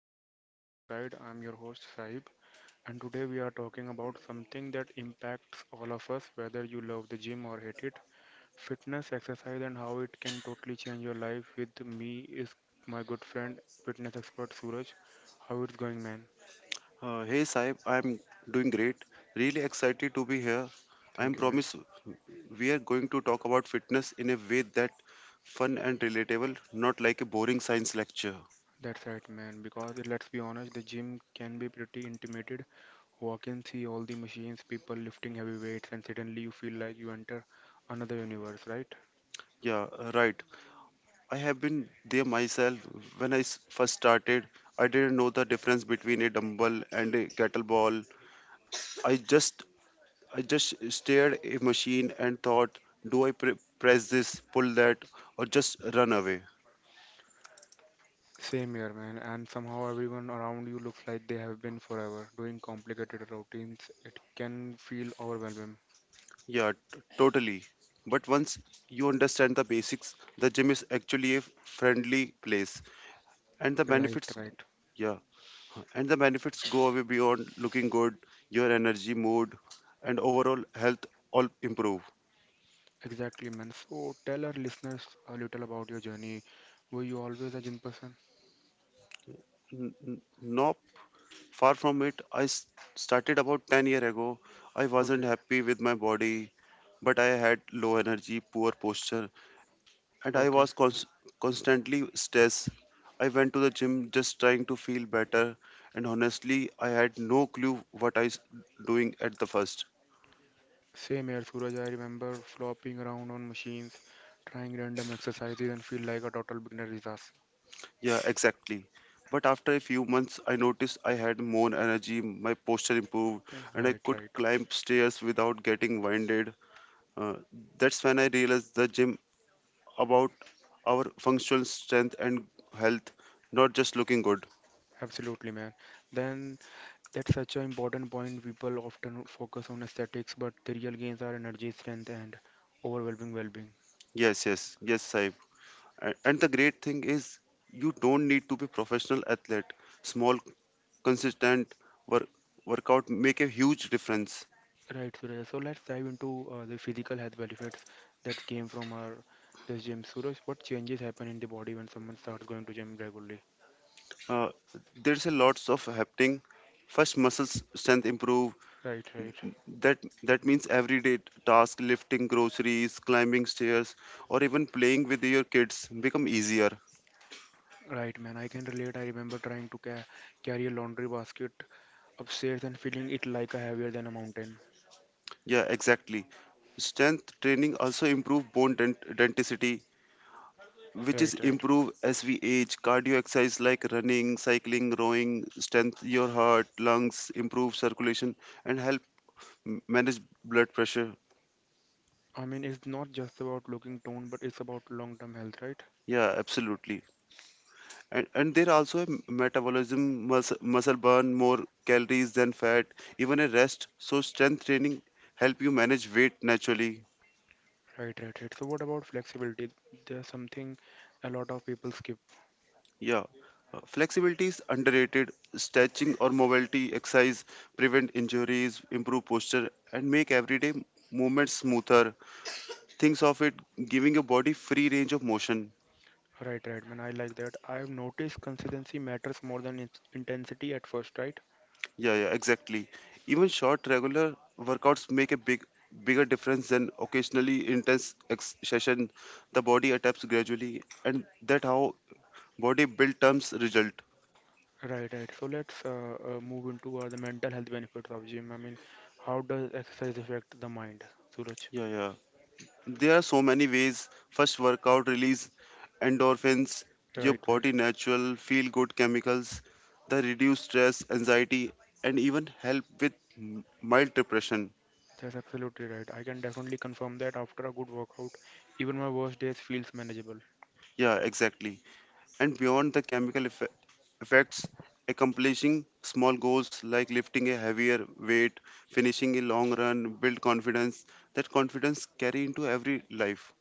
Gym and Fitness Guide. I'm your host Saib, and today we are talking about something that impacts all of us, whether you love the gym or hate it. Fitness, exercise, and how it can totally change your life. With me is my good friend, fitness expert Suraj. How it's going, man? Hey Saib, I'm doing great. Really excited to be here. I am Thank you, man. promise we are going to talk about fitness in a way that fun and relatable, not like a boring science lecture. That's right, man. Because let's be honest, the gym can be pretty intimidated. Walk in, see all the machines, people lifting heavy weights, and suddenly you feel like you enter another universe, right? Yeah, right. I have been there myself. When I first started, I didn't know the difference between a dumbbell and a kettlebell. I just I just stared a machine and thought, do I press this, pull that, or just run away? Same here, man. And somehow everyone around you looks like they have been forever doing complicated routines. It can feel overwhelming. Yeah, totally. But once you understand the basics, the gym is actually a friendly place, and the Right, benefits, right. yeah, and the benefits go away beyond looking good. Your energy, mood, and overall health all improve. Exactly, man. So tell our listeners a little about your journey. Were you always a gym person? No, far from it. I started about 10 years year ago. I wasn't Okay, happy with my body, but I had low energy, poor posture, and I okay. was constantly stressed. I went to the gym just trying to feel better, and honestly, I had no clue what I was doing at the first. Same here, Suraj. I remember flopping around on machines, trying random exercises, and feel like a total beginner disaster. Yeah, exactly. But after a few months, I noticed I had more energy, my posture improved, Yeah, and I right, could right. climb stairs without getting winded. Uh, that's when I realized the gym about our functional strength and health, not just looking good. Absolutely, man. Then That's such an important point. People often focus on aesthetics, but the real gains are energy, strength, and overwhelming well-being. Yes, yes, yes, Saib. And the great thing is, you don't need to be professional athlete. Small, consistent work, workout make a huge difference. Right, Suraj. So let's dive into the physical health benefits that came from our this gym. Suraj, what changes happen in the body when someone starts going to gym regularly? Uh, there's a lots of happening. First, muscle strength improve. Right, right, That that means everyday task, lifting groceries, climbing stairs, or even playing with your kids become easier. right, man. I can relate. I remember trying to ca carry a laundry basket upstairs and feeling it like a heavier than a mountain. Yeah, exactly. Strength training also improve bone density which is Right, right. improve as we age. Cardio exercise like running, cycling, rowing, strength your heart, lungs, improve circulation, and help manage blood pressure. I mean, it's not just about looking toned, but it's about long-term health, right? Yeah, absolutely. And there also a metabolism muscle burn more calories than fat, even a rest. So strength training help you manage weight naturally. Right, right, right. So what about flexibility? There's something a lot of people skip. Yeah. Flexibility is underrated. Stretching or mobility exercise prevent injuries, improve posture, and make everyday movements smoother. Thinks of it giving your body free range of motion. Right, right, man. I like that. I've noticed consistency matters more than its intensity at first, right? Yeah, yeah, exactly. Even short, regular workouts make a bigger difference than occasionally intense session. The body adapts gradually, and that how body build terms result. Right, right. So let's move into the mental health benefits of gym. I mean, how does exercise affect the mind, Suraj? Yeah, yeah. There are so many ways. First, workout release endorphins, your Right, right. body natural feel good chemicals that reduce stress, anxiety, and even help with mild depression. That's absolutely right. I can definitely confirm that after a good workout, even my worst days feels manageable. Yeah, exactly. And beyond the chemical effects, accomplishing small goals like lifting a heavier weight, finishing a long run, build confidence. That confidence carry into every life.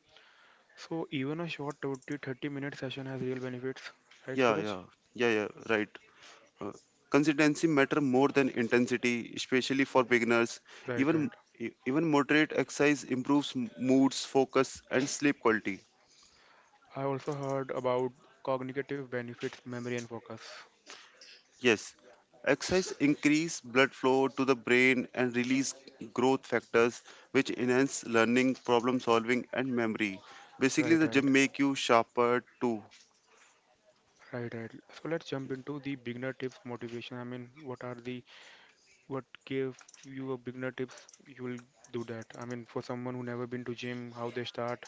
So even a short 20, 30-minute session has real benefits, right, Yeah, Suraj? yeah, yeah, yeah, right. Uh, consistency matter more than intensity, especially for beginners. Right, Even right. Even moderate exercise improves moods, focus, and sleep quality. I also heard about cognitive benefits, memory, and focus. Yes, exercise increase blood flow to the brain and release growth factors which enhance learning, problem solving and memory. Basically Right, the right, gym make you sharper too. right, right. So let's jump into the beginner tips motivation. I mean, what are the what give you a beginner tips? You will do that. I mean, for someone who never been to gym, how they start.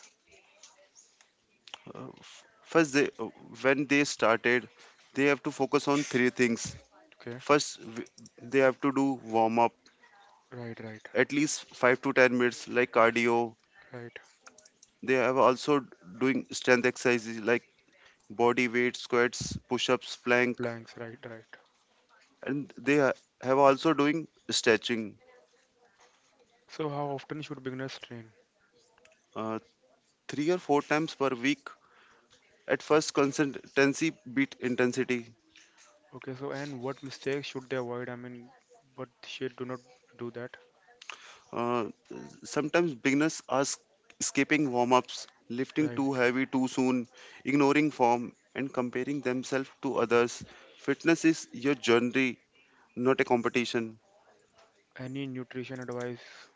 First when they started they have to focus on three things. Okay, First they have to do warm up right, right, at least 5 to 10 minutes like cardio. right. They have also doing strength exercises like body weight squats, push-ups, plank Planks, right, right. and have also doing stretching So how often should beginners train? uh, three or four times per week at first consistency beat intensity. Okay, so and what mistakes should they avoid? I mean, what should do not do that. uh, Sometimes beginners are skipping warm-ups lifting Right. too heavy too soon ignoring form and comparing themselves to others. Fitness is your journey, not a competition. Any nutrition advice?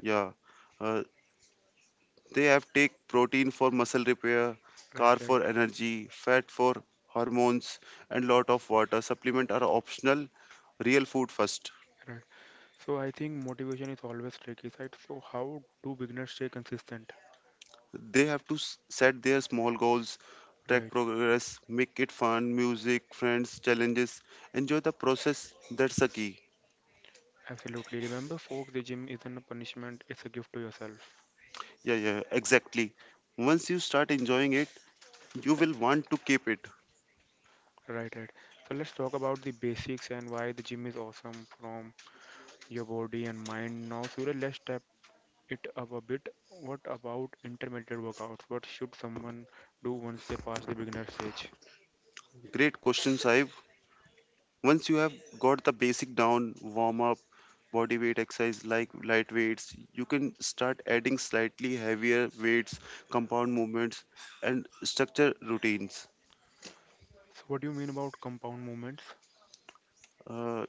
Yeah. Uh, they have take protein for muscle repair, Right, carb right, for energy, fat for hormones, and lot of water. Supplement are optional. Real food first. right. So I think motivation is always tricky side. So how do beginners stay consistent? They have to set their small goals, track Right. progress, make it fun, music, friends, challenges. Enjoy the process. That's the key. Absolutely. Remember folks, the gym isn't a punishment, it's a gift to yourself. Yeah, yeah, exactly. Once you start enjoying it, you will want to keep it. Right, right. So let's talk about the basics and why the gym is awesome from your body and mind. Now, Surya, let's step it up a bit. What about intermediate workouts? What should someone do once they pass the beginner stage? Great question, Saib. Once you have got the basic down, warm up body weight exercise like light weights you can start adding slightly heavier weights, compound movements and structure routines. So what do you mean about compound movements? uh,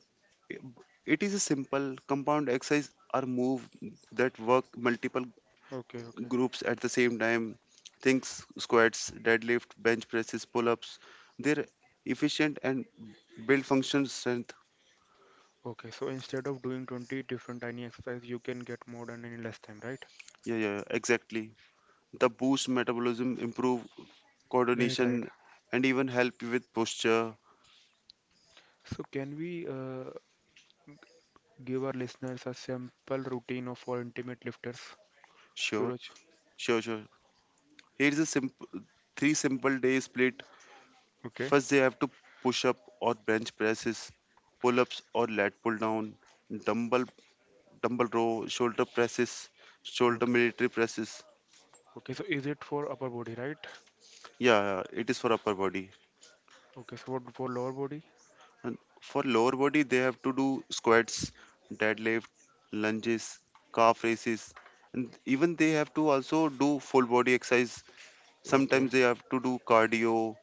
it is a simple compound exercise or move that work multiple Okay, okay. groups at the same time, things squats, deadlift, bench presses, pull-ups. They're efficient and build function strength. Okay, so instead of doing 20 different tiny exercises, you can get more done in less time, right? Yeah, yeah, exactly. The boost metabolism, improve Right, coordination, right. and even help you with posture. So, can we g- give our listeners a simple routine of for intimate lifters, Sure, Suraj? sure, sure. Here's a simple three simple day split. Okay. First, they have to push up or bench presses, pull ups or lat pull down, dumbbell dumbbell row, shoulder presses, shoulder Okay. military presses. Okay. So, is it for upper body, right? Yeah, it is for upper body. Okay. So, what for lower body? And for lower body, they have to do squats, deadlift, lunges, calf raises, and even they have to also do full body exercise. Okay. Sometimes they have to do cardio,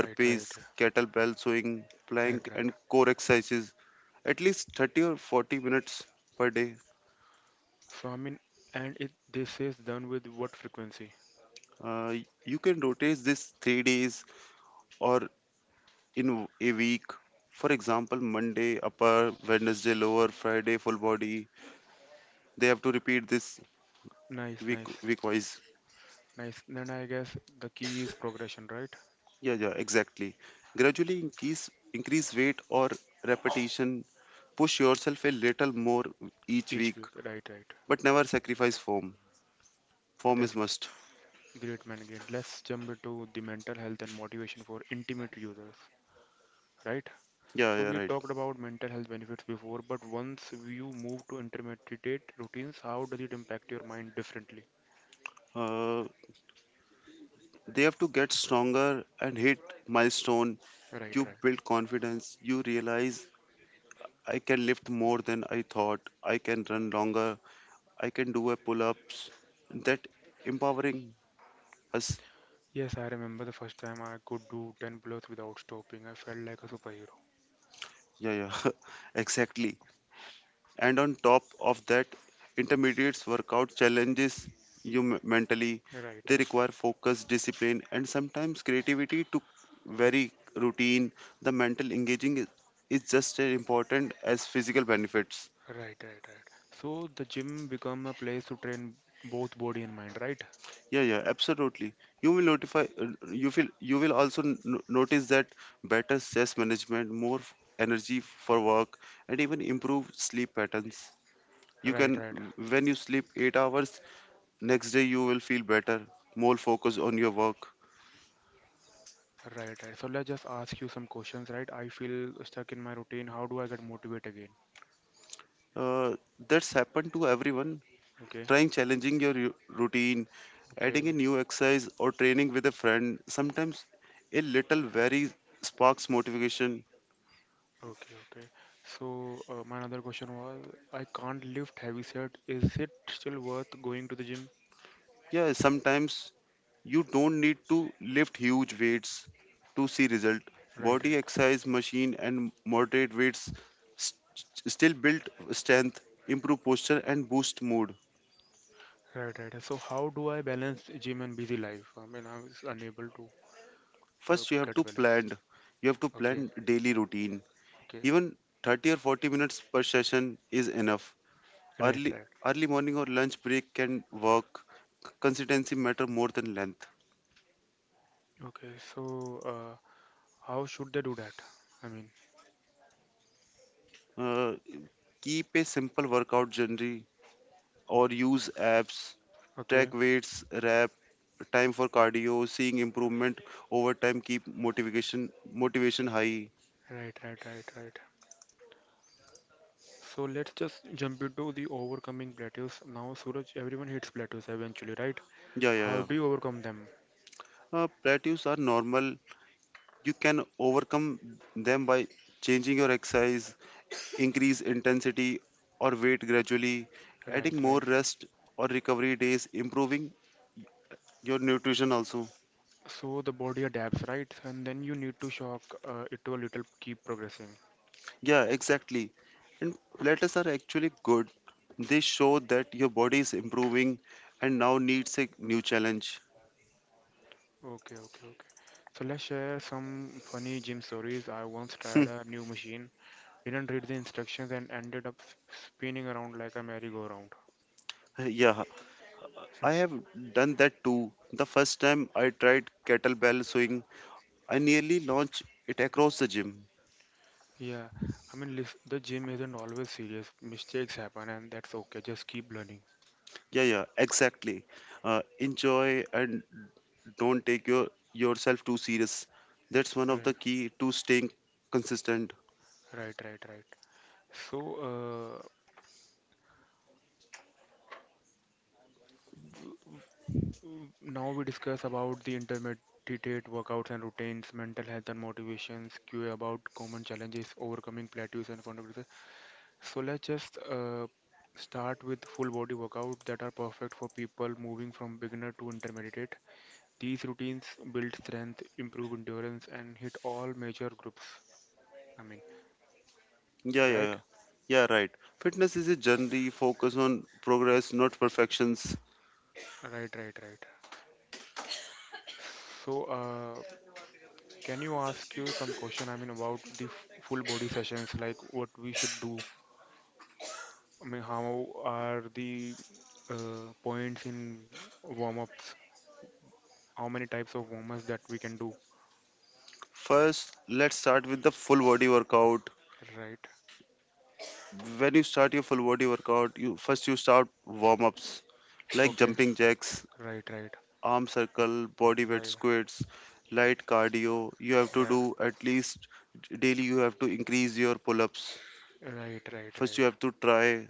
Right, right, kettlebell swing, right, plank, right. and core exercises at least 30 or 40 minutes per day. So, I mean, and it this is done with what frequency? Uh, you can rotate this 3 days or in a week. For example, Monday upper, Wednesday lower, Friday full body. They have to repeat this Nice, week nice, week wise. nice. Then I guess the key is progression, right? Yeah, yeah, exactly. Gradually increase weight or repetition. Push yourself a little more each Each week, week. Right, right. but never sacrifice form. Form is That's must. g- Great, man. Great. Let's jump into the mental health and motivation for intimate users, right? Yeah, So yeah, we right. talked about mental health benefits before, but once you move to intermittent routines, how does it impact your mind differently? Uh, they have to get stronger and hit milestone. Right, You right. build confidence. You realize I can lift more than I thought. I can run longer. I can do a pull ups. That empowering us. Yes, I remember the first time I could do 10 plus without stopping. I felt like a superhero. Yeah, yeah, exactly. And on top of that intermediates workout challenges you mentally. Right, They right. require focus, discipline and sometimes creativity to vary routine. The mental engaging is just as important as physical benefits. Right, right, right. So the gym become a place to train both body and mind, right? Yeah, yeah, absolutely. You will notify you will also notice that better stress management, more energy for work and even improved sleep patterns. You Right, can right. When you sleep 8 hours next day you will feel better, more focused on your work. Right, right. So let's just ask you some questions, right? I feel stuck in my routine. How do I get motivated again? Uh, that's happened to everyone. Okay. Trying challenging your routine, adding a Okay. new exercise or training with a friend sometimes a little very sparks motivation. Okay, okay. So, my another question was, I can't lift heavy set. Is it still worth going to the gym? Yeah, sometimes you don't need to lift huge weights to see result. Right, right, Body exercise machine and moderate weights still build strength, improve posture and boost mood. right, right. And so, how do I balance gym and busy life? I mean, I was unable to First, you have get a to balance. plan. You have to Okay, plan daily routine. okay, Even 30 or 40 minutes per session is enough. right, Early right. Early morning or lunch break can work. Consistency matter more than length. Okay, so how should they do that? I mean, Uh, keep a simple workout journey or use apps. okay, Track weights, rep, time for cardio, seeing improvement over time keep motivation high. right, right, right, right. So let's just jump into the overcoming plateaus. Now, Suraj, everyone hits plateaus eventually, right? Yeah, yeah, How yeah. do you overcome them? Plateaus are normal. You can overcome them by changing your exercise, increase intensity or weight gradually, Right, adding more right, rest or recovery days, improving your nutrition also. so the body adapts, right? And then you need to shock it to a little keep progressing. Yeah, exactly. And platters are actually good. They show that your body is improving and now needs a new challenge. Okay, okay, okay. So let's share some funny gym stories. I once tried a new machine, didn't read the instructions, and ended up spinning around like a merry-go-round. yeah, I have done that too. The first time I tried kettlebell swing, I nearly launched it across the gym. Yeah, I mean, the gym isn't always serious. Mistakes happen, and that's okay. Just keep learning. Yeah, yeah, exactly. Enjoy and don't take yourself too serious. That's one of Right, the key to staying consistent. right, right, right. So, uh, now we discuss about the intermediate workouts and routines, mental health and motivations, Q&A about common challenges, overcoming plateaus and fundamentals. So let's just start with full body workouts that are perfect for people moving from beginner to intermediate. These routines build strength, improve endurance, and hit all major groups. I mean, Yeah, yeah, right? yeah. Yeah, right. Fitness is a journey, focus on progress, not perfections. Right, right, right. So, can you ask you some question? I mean, about the full body sessions, like what we should do I mean, how are the points in warm-ups? How many types of warm-ups that we can do? First, let's start with the full body workout. Right. When you start your full body workout, you start warm ups like Okay. jumping jacks, Right, right, arm circle, body weight right, squats, light cardio. You have to right, do at least daily, you have to increase your pull ups. right, right, First, right. you have to try,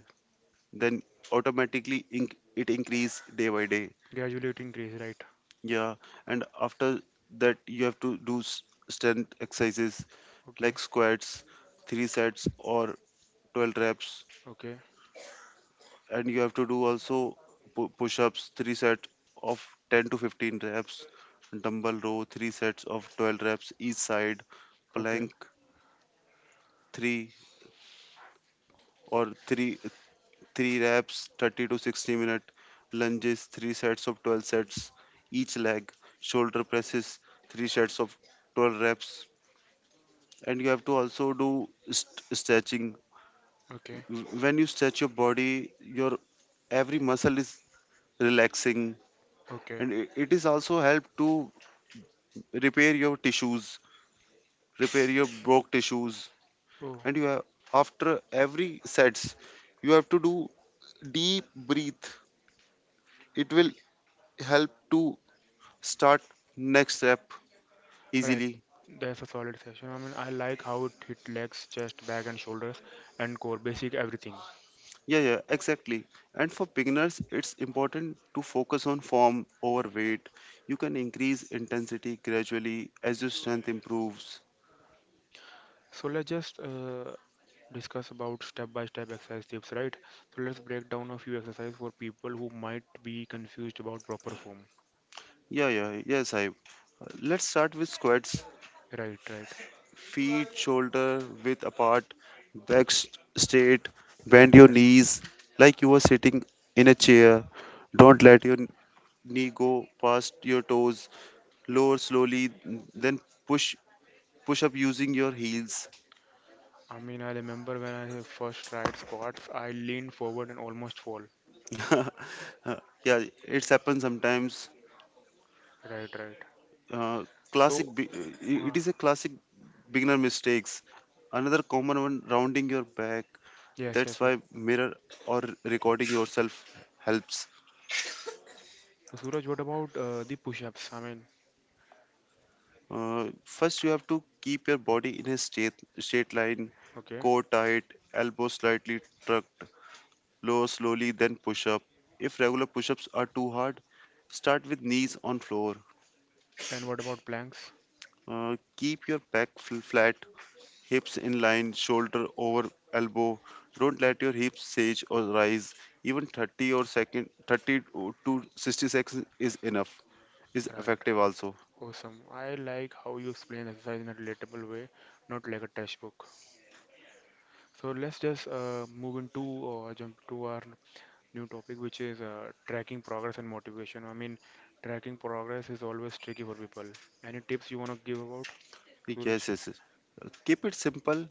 then automatically it increase day by day. Gradually it increase, right. Yeah, and after that, you have to do strength exercises Okay, like squats, three sets, or 12 reps. okay, And you have to do also push-ups three sets of 10 to 15 reps, dumbbell row three sets of 12 reps each side, okay, plank three or three three reps 30 to 60 minute, lunges three sets of 12 sets each leg, shoulder presses three sets of 12 reps. And you have to also do stretching. okay, When you stretch your body your every muscle is relaxing, okay. and it is also help to repair your tissues, repair your broke tissues. Oh, And you have after every sets, you have to do deep breath. It will r- help to start next rep right. easily. That's a solid session. I mean, I like how it hit legs, chest, back, and shoulders, and core, basic everything. Yeah, yeah, exactly. And for beginners, it's important to focus on form over weight. You can increase intensity gradually as your strength improves. So let's just discuss about step-by-step exercise tips, right? So let's break down a few exercises for people who might be confused about proper form. Yeah, yeah, yes, I. Let's start with squats. Right, right, Feet shoulder width apart, back straight, bend right, your right. knees like you are sitting in a chair. Don't let your knee go past your toes. Lower slowly, then push push up using your heels. I mean, I remember when I first tried squats, I leaned forward and almost fall. yeah, it's happened sometimes. Right, right. Uh, classic, So, be- it uh, is a classic beginner mistakes. Another common one, rounding your back. yes, That's yes, why yes. mirror or recording yourself helps. So Suraj, what about the push-ups? I mean, First, you have to keep your body in a straight line, okay. core tight, elbow slightly tucked, lower slowly, then push up. If regular push ups are too hard, start with knees on floor. And what about planks? Keep your back flat, hips in line, shoulder over elbow. Don't let your hips sage or rise. Even 30 to 60 seconds is enough. Is Right. effective also. Awesome. I like how you explain exercise in a relatable way, not like a textbook. So let's just move into or jump to our new topic, which is tracking progress and motivation. I mean, tracking progress is always tricky for people. Any tips you want to give about, Yes, Suraj? yes, yes. Keep it simple.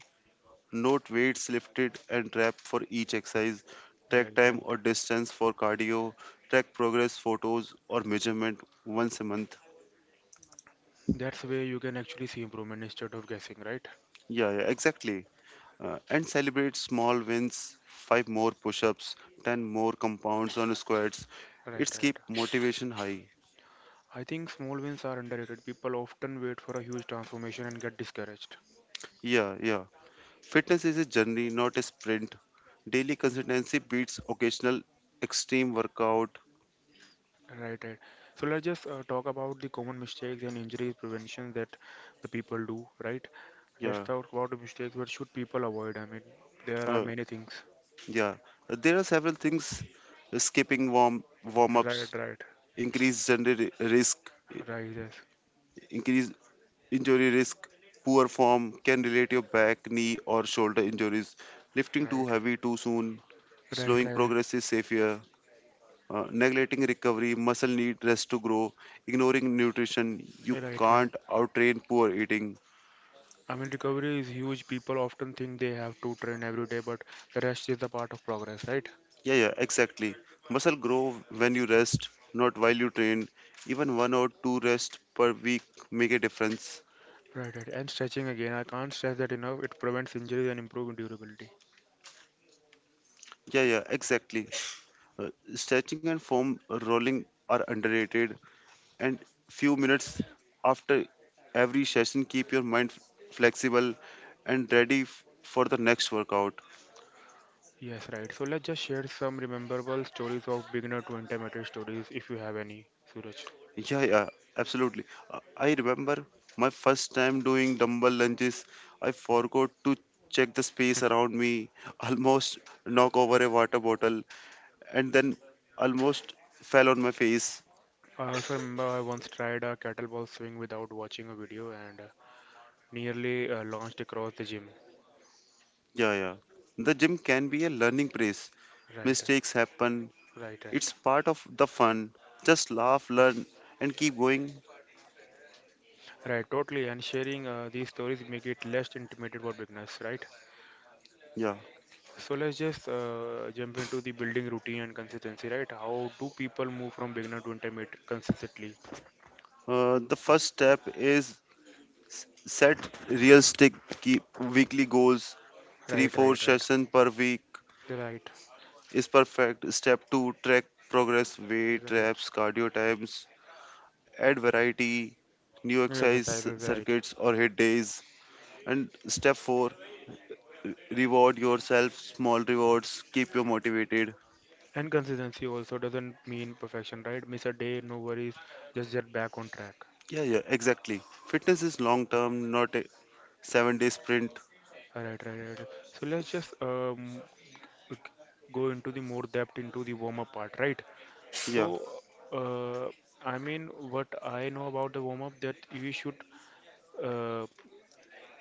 Note weights lifted and trap for each exercise. Track Right, right. time or distance for cardio. Track progress photos or measurement once a month. That's where you can actually see improvement instead of guessing, right? Yeah, yeah, exactly. And celebrate small wins, five more push-ups, ten more compounds on squats. Right, It's right. keep motivation high. I think small wins are underrated. People often wait for a huge transformation and get discouraged. Yeah, yeah. Fitness is a journey, not a sprint. Daily consistency beats occasional extreme workout. Right, right. So let's just talk about the common mistakes and injury prevention that the people do, right? Let's Yeah. talk about the mistakes. What should people avoid? I mean, there are Uh, many things. Yeah, there are several things. Skipping warm ups Right, right. increase general risk, Right, yes. increase injury risk. Poor form can relate your back, knee, or shoulder injuries. Lifting too Right. heavy too soon, Right, slowing right. progress is safer. Neglecting recovery, muscle need rest to grow. Ignoring nutrition, you Right, right. can't outtrain poor eating. I mean, recovery is huge. People often think they have to train every day, but the rest is the part of progress, right? Yeah, yeah, exactly. Muscle grow when you rest, not while you train. Even one or two rest per week make a difference. Right, right. And stretching again. I can't stress that enough. It prevents injuries and improves durability. Yeah, yeah, exactly. Uh, Stretching and foam rolling are underrated, and few minutes after every session, keep your mind flexible and ready for the next workout. Yes, right. So let's just share some rememberable stories of beginner to intermediate stories if you have any, Suraj. Yeah, yeah, absolutely. I remember my first time doing dumbbell lunges, I forgot to check the space around me, almost knock over a water bottle, and then almost fell on my face. I also remember I once tried a kettlebell swing without watching a video and nearly launched across the gym. Yeah, yeah. The gym can be a learning place. Right, Mistakes happen. right, right. It's part of the fun. Just laugh, learn, and keep going. Right, totally. And sharing these stories make it less intimate for beginners, right? Yeah. So let's just jump into the building routine and consistency, right? How do people move from beginner to intermediate consistently? The first step is set realistic keep weekly goals. Three Right, four right, right. sessions per week Right, is perfect. Step two, track progress, weight right. reps, cardio times, add variety, new New exercise exercises, right. circuits or hit days. And step four, reward yourself, small rewards keep you motivated. And consistency also doesn't mean perfection, right? Miss a day, no worries, just get back on track. Yeah, yeah, exactly. Fitness is long term, not a seven-day sprint. Right, right, right, right. So let's just go into the more depth into the warm-up part, right? Yeah, So, uh, I mean, what I know about the warm-up that we should, uh,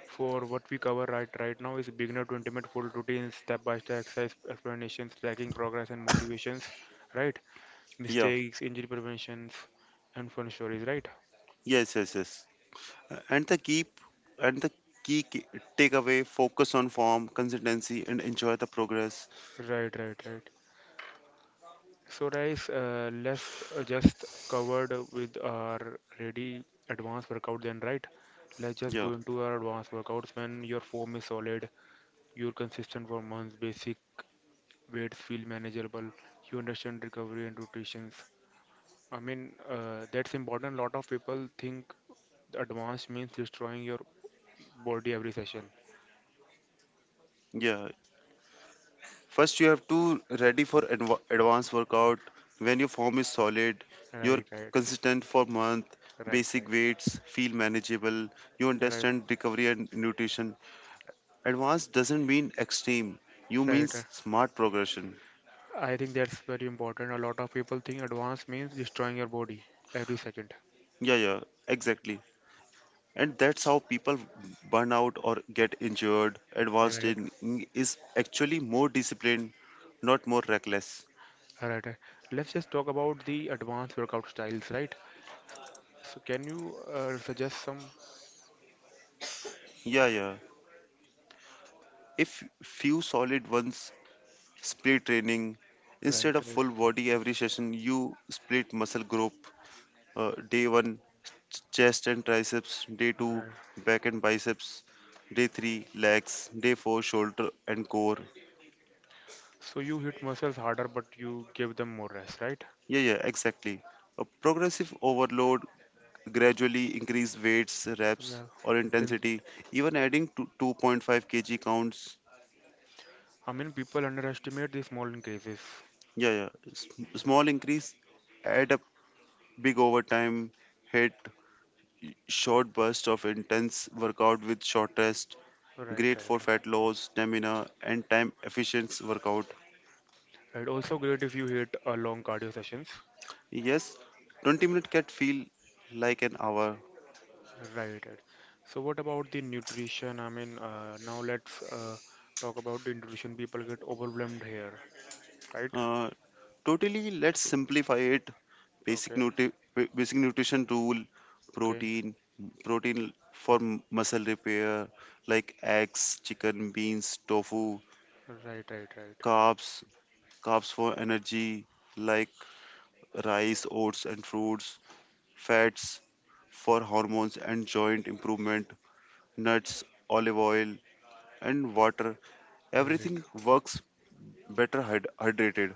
for what we cover right now is beginner to intimate full routines, step-by-step exercise explanations, tracking progress and motivations, right? yeah, Mistakes, injury preventions, and fun stories, right? yes, yes, yes. Uh, and the keep and the key takeaway, focus on form consistency and enjoy the progress. Right, right, right. So guys, let's just covered with our ready advanced workout then, right? Let's just Yeah, go into our advanced workouts when your form is solid, you're consistent for months, basic weights feel manageable, you understand recovery and rotations. I mean, that's important. A lot of people think advanced means destroying your body every session. yeah, first you have to ready for advanced workout when your form is solid, you're Right, right, consistent for month, right, basic right, weights feel manageable, you right, understand recovery and nutrition. Advanced doesn't mean extreme, you right, right. means smart progression. I think that's very important. A lot of people think advanced means destroying your body every second. Yeah, yeah, exactly. And that's how people burn out or get injured. Advanced Right, training is actually more disciplined, not more reckless. right, right. Let's just talk about the advanced workout styles, right? So can you suggest some? Yeah, yeah. If few solid ones, split training, Right, instead of right, full body every session you split muscle group. Day 1, chest and triceps, day 2 right. back and biceps, day 3 legs, day 4 shoulder and core. So you hit muscles harder, but you give them more rest, right? Yeah, yeah, exactly. A progressive overload, gradually increase weights, reps, Yeah. or Then, intensity. Even adding to 2.5 kg counts. I mean, people underestimate the small increases. Yeah, yeah. Small increase add up big over time. Hit short burst of intense workout with short rest. Right, right, Great right. for fat loss, stamina, and time efficient workout. Right, also great if you hit long cardio sessions. Yes, 20-minute can feel like an hour. Right, right. So what about the nutrition? I mean, now let's talk about the nutrition. People get overwhelmed here, right? Uh, Totally, let's simplify it. Basic Okay, nutri basic nutrition rule, okay. protein protein for muscle repair, like eggs, chicken, beans, tofu. Right, right, right. carbs Carbs for energy, like rice, oats, and fruits. Fats for hormones and joint improvement, nuts, olive oil, and water. Right. Everything works better hydrated.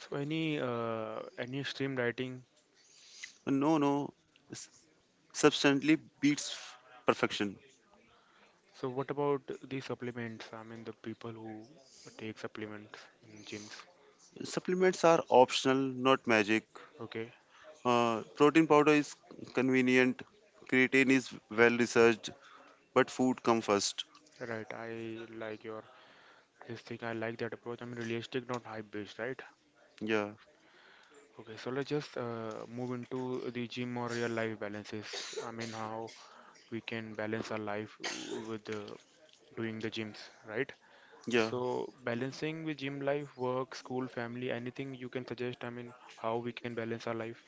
So any stream dieting? No, no, s- substantially beats perfection. So what about the supplements? I mean the people who take supplements in gyms. Supplements are optional, not magic. Okay. Protein powder is convenient. Creatine is well researched, but food come first. Right. I like your this thing. I like that approach. I mean realistic, not hype based, right? Yeah, Okay. So let's just move into the gym or real life balances. I mean how we can balance our life with doing the gyms, right? yeah. So balancing with gym life, work, school, family, anything you can suggest. I mean how we can balance our life.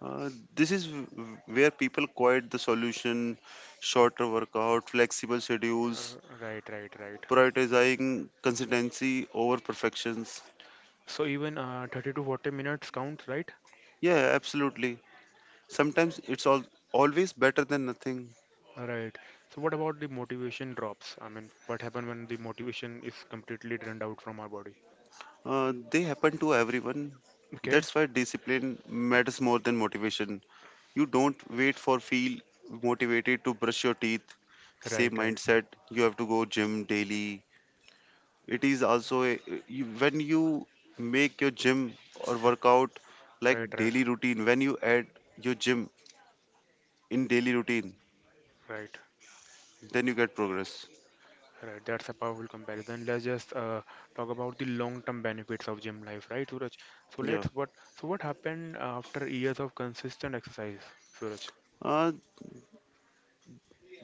Uh, this is where people quiet the solution, shorter workout, flexible schedules, Uh, right, right, right. prioritizing consistency over perfections. So even 30 to 40 minutes counts, right? Yeah, absolutely. Sometimes it's all always better than nothing. Right. So what about the motivation drops? I mean, what happens when the motivation is completely drained out from our body? They happen to everyone. Okay. That's why discipline matters more than motivation. You don't wait for feel motivated to brush your teeth. Same Right, right, mindset. You have to go gym daily. It is also a, you, when you make your gym or workout right, like right, daily routine. When you add your gym in daily routine, right, then you get progress. right. That's a powerful comparison. Let's just talk about the long-term benefits of gym life, right, Suraj? So Yeah. let's what so what happened after years of consistent exercise, Suraj? Uh,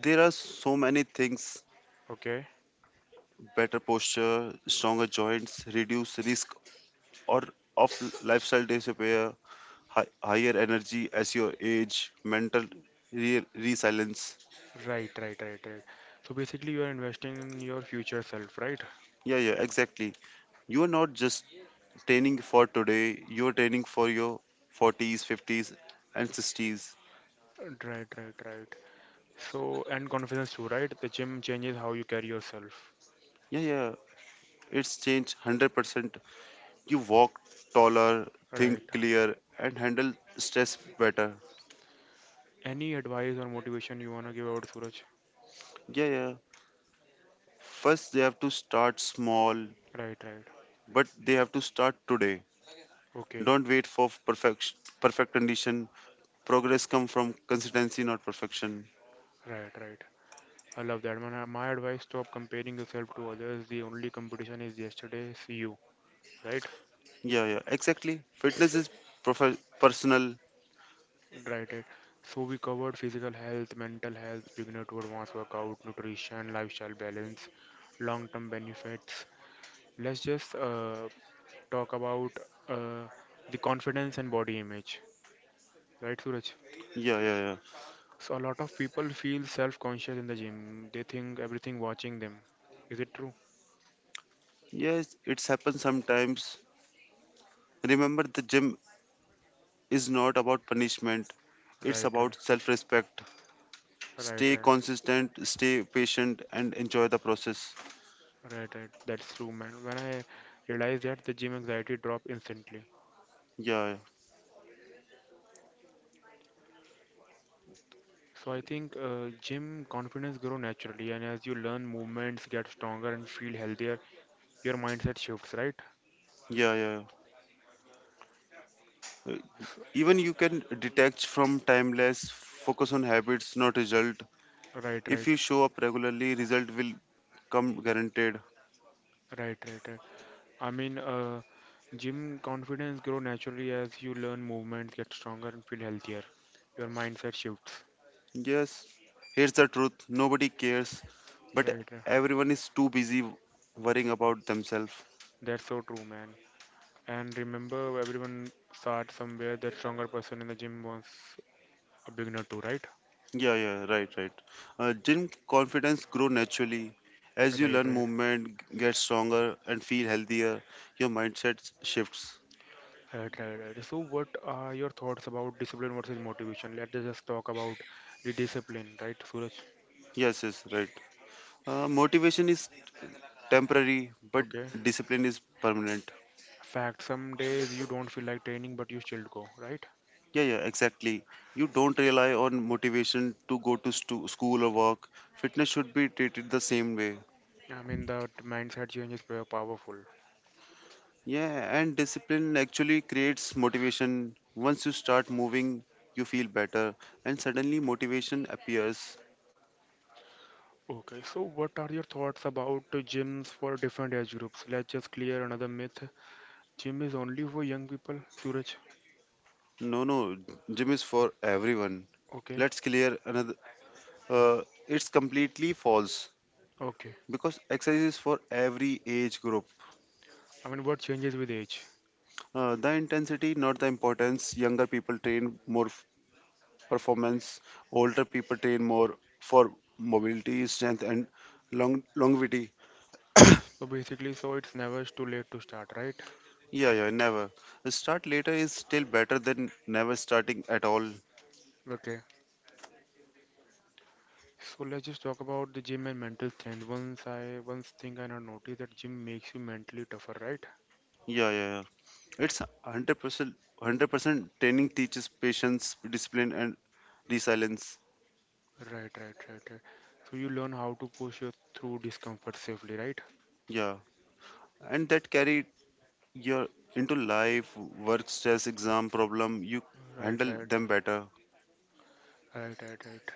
there are so many things, Okay. better posture, stronger joints, reduce risk or of lifestyle disorder, higher energy as your age, mental resilience. Right, right, right, right. So basically, you are investing in your future self, right? Yeah, yeah, exactly. You are not just training for today, you are training for your 40s, 50s, and 60s. Right, right, right. So, and confidence too, right? The gym changes how you carry yourself, Yeah, yeah, it's changed 100%. You walk taller, right? think clear, and handle stress better. Any advice or motivation you wanna give out, Suraj? Yeah, yeah. First, they have to start small, Right, right. but they have to start today. Okay, Don't wait for perfect condition. Progress come from consistency, not perfection. right, right. I love that. My advice: stop comparing yourself to others. The only competition is yesterday's you, right? Yeah, yeah, exactly. Fitness is personal. Right, right. So we covered physical health, mental health, beginner to advanced workout, nutrition, lifestyle balance, long-term benefits. Let's just talk about uh, the confidence and body image, right, Suraj? Yeah, yeah, yeah. So a lot of people feel self-conscious in the gym. They think everything watching them. Is it true? Yes, it's happened sometimes. Remember, the gym is not about punishment, it's Right, right, about self respect. right, Stay right, consistent, stay patient, and enjoy the process. right, right. That's true, man. When I realized that, the gym anxiety dropped instantly. Yeah, So I think gym confidence grow naturally, and as you learn movements, get stronger and feel healthier, your mindset shifts, right? yeah, yeah, yeah. Even you can detach from timeless, focus on habits, not result. Right, If right, you show up regularly, result will come guaranteed. right, right, right. I mean, gym confidence grow naturally as you learn movements, get stronger and feel healthier. Your mindset shifts. Yes, here's the truth, nobody cares, but Right, right. everyone is too busy worrying about themselves. That's so true, man. And remember, everyone starts somewhere. That stronger person in the gym wants a beginner too, right? Yeah, yeah, right, right. Gym confidence grow naturally as Right, you right, learn right, movement, get stronger, and feel healthier. Your mindset shifts. right, right. So, what are your thoughts about discipline versus motivation? Let's just talk about the discipline, right, Suraj? Yes, yes, right. Motivation is temporary, but Okay. discipline is permanent. Fact, some days you don't feel like training, but you still go, right? Yeah, yeah, exactly. You don't rely on motivation to go to school or work. Fitness should be treated the same way. I mean, that mindset change is very powerful. Yeah, and discipline actually creates motivation. Once you start moving, you feel better, and suddenly motivation appears. Okay, so what are your thoughts about the gyms for different age groups? Let's just clear another myth. Gym is only for young people, Suraj. No, no, gym is for everyone. Okay. Let's clear another. It's completely false Okay. because exercise is for every age group. I mean, what changes with age? The intensity, not the importance. Younger people train more performance, older people train more for mobility, strength, and longevity. So basically, so it's never too late to start, right? Yeah, yeah, never. Start later is still better than never starting at all. Okay. So let's just talk about the gym and mental strength. Once thing I not noticed that gym makes you mentally tougher, right? Yeah, yeah, yeah. It's 100% training teaches patience, discipline and resilience. Right, right, right, right. So you learn how to push your through discomfort safely, right? Yeah. And that carry your into life, work stress, exam problem, you Right, handle right, right, them better. right, right, right.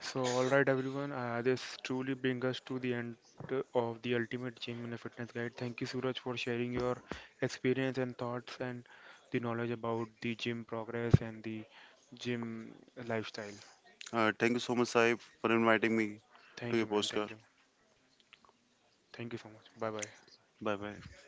So, all right, everyone, this truly brings us to the end of the Ultimate Gym in a Fitness Guide. Thank you, Suraj, for sharing your experience and thoughts and the knowledge about the gym progress and the gym lifestyle. Thank you so much, Saib, for inviting me to Thank you, your man. Thank postcard. you. Thank you so much. Bye bye. Bye bye.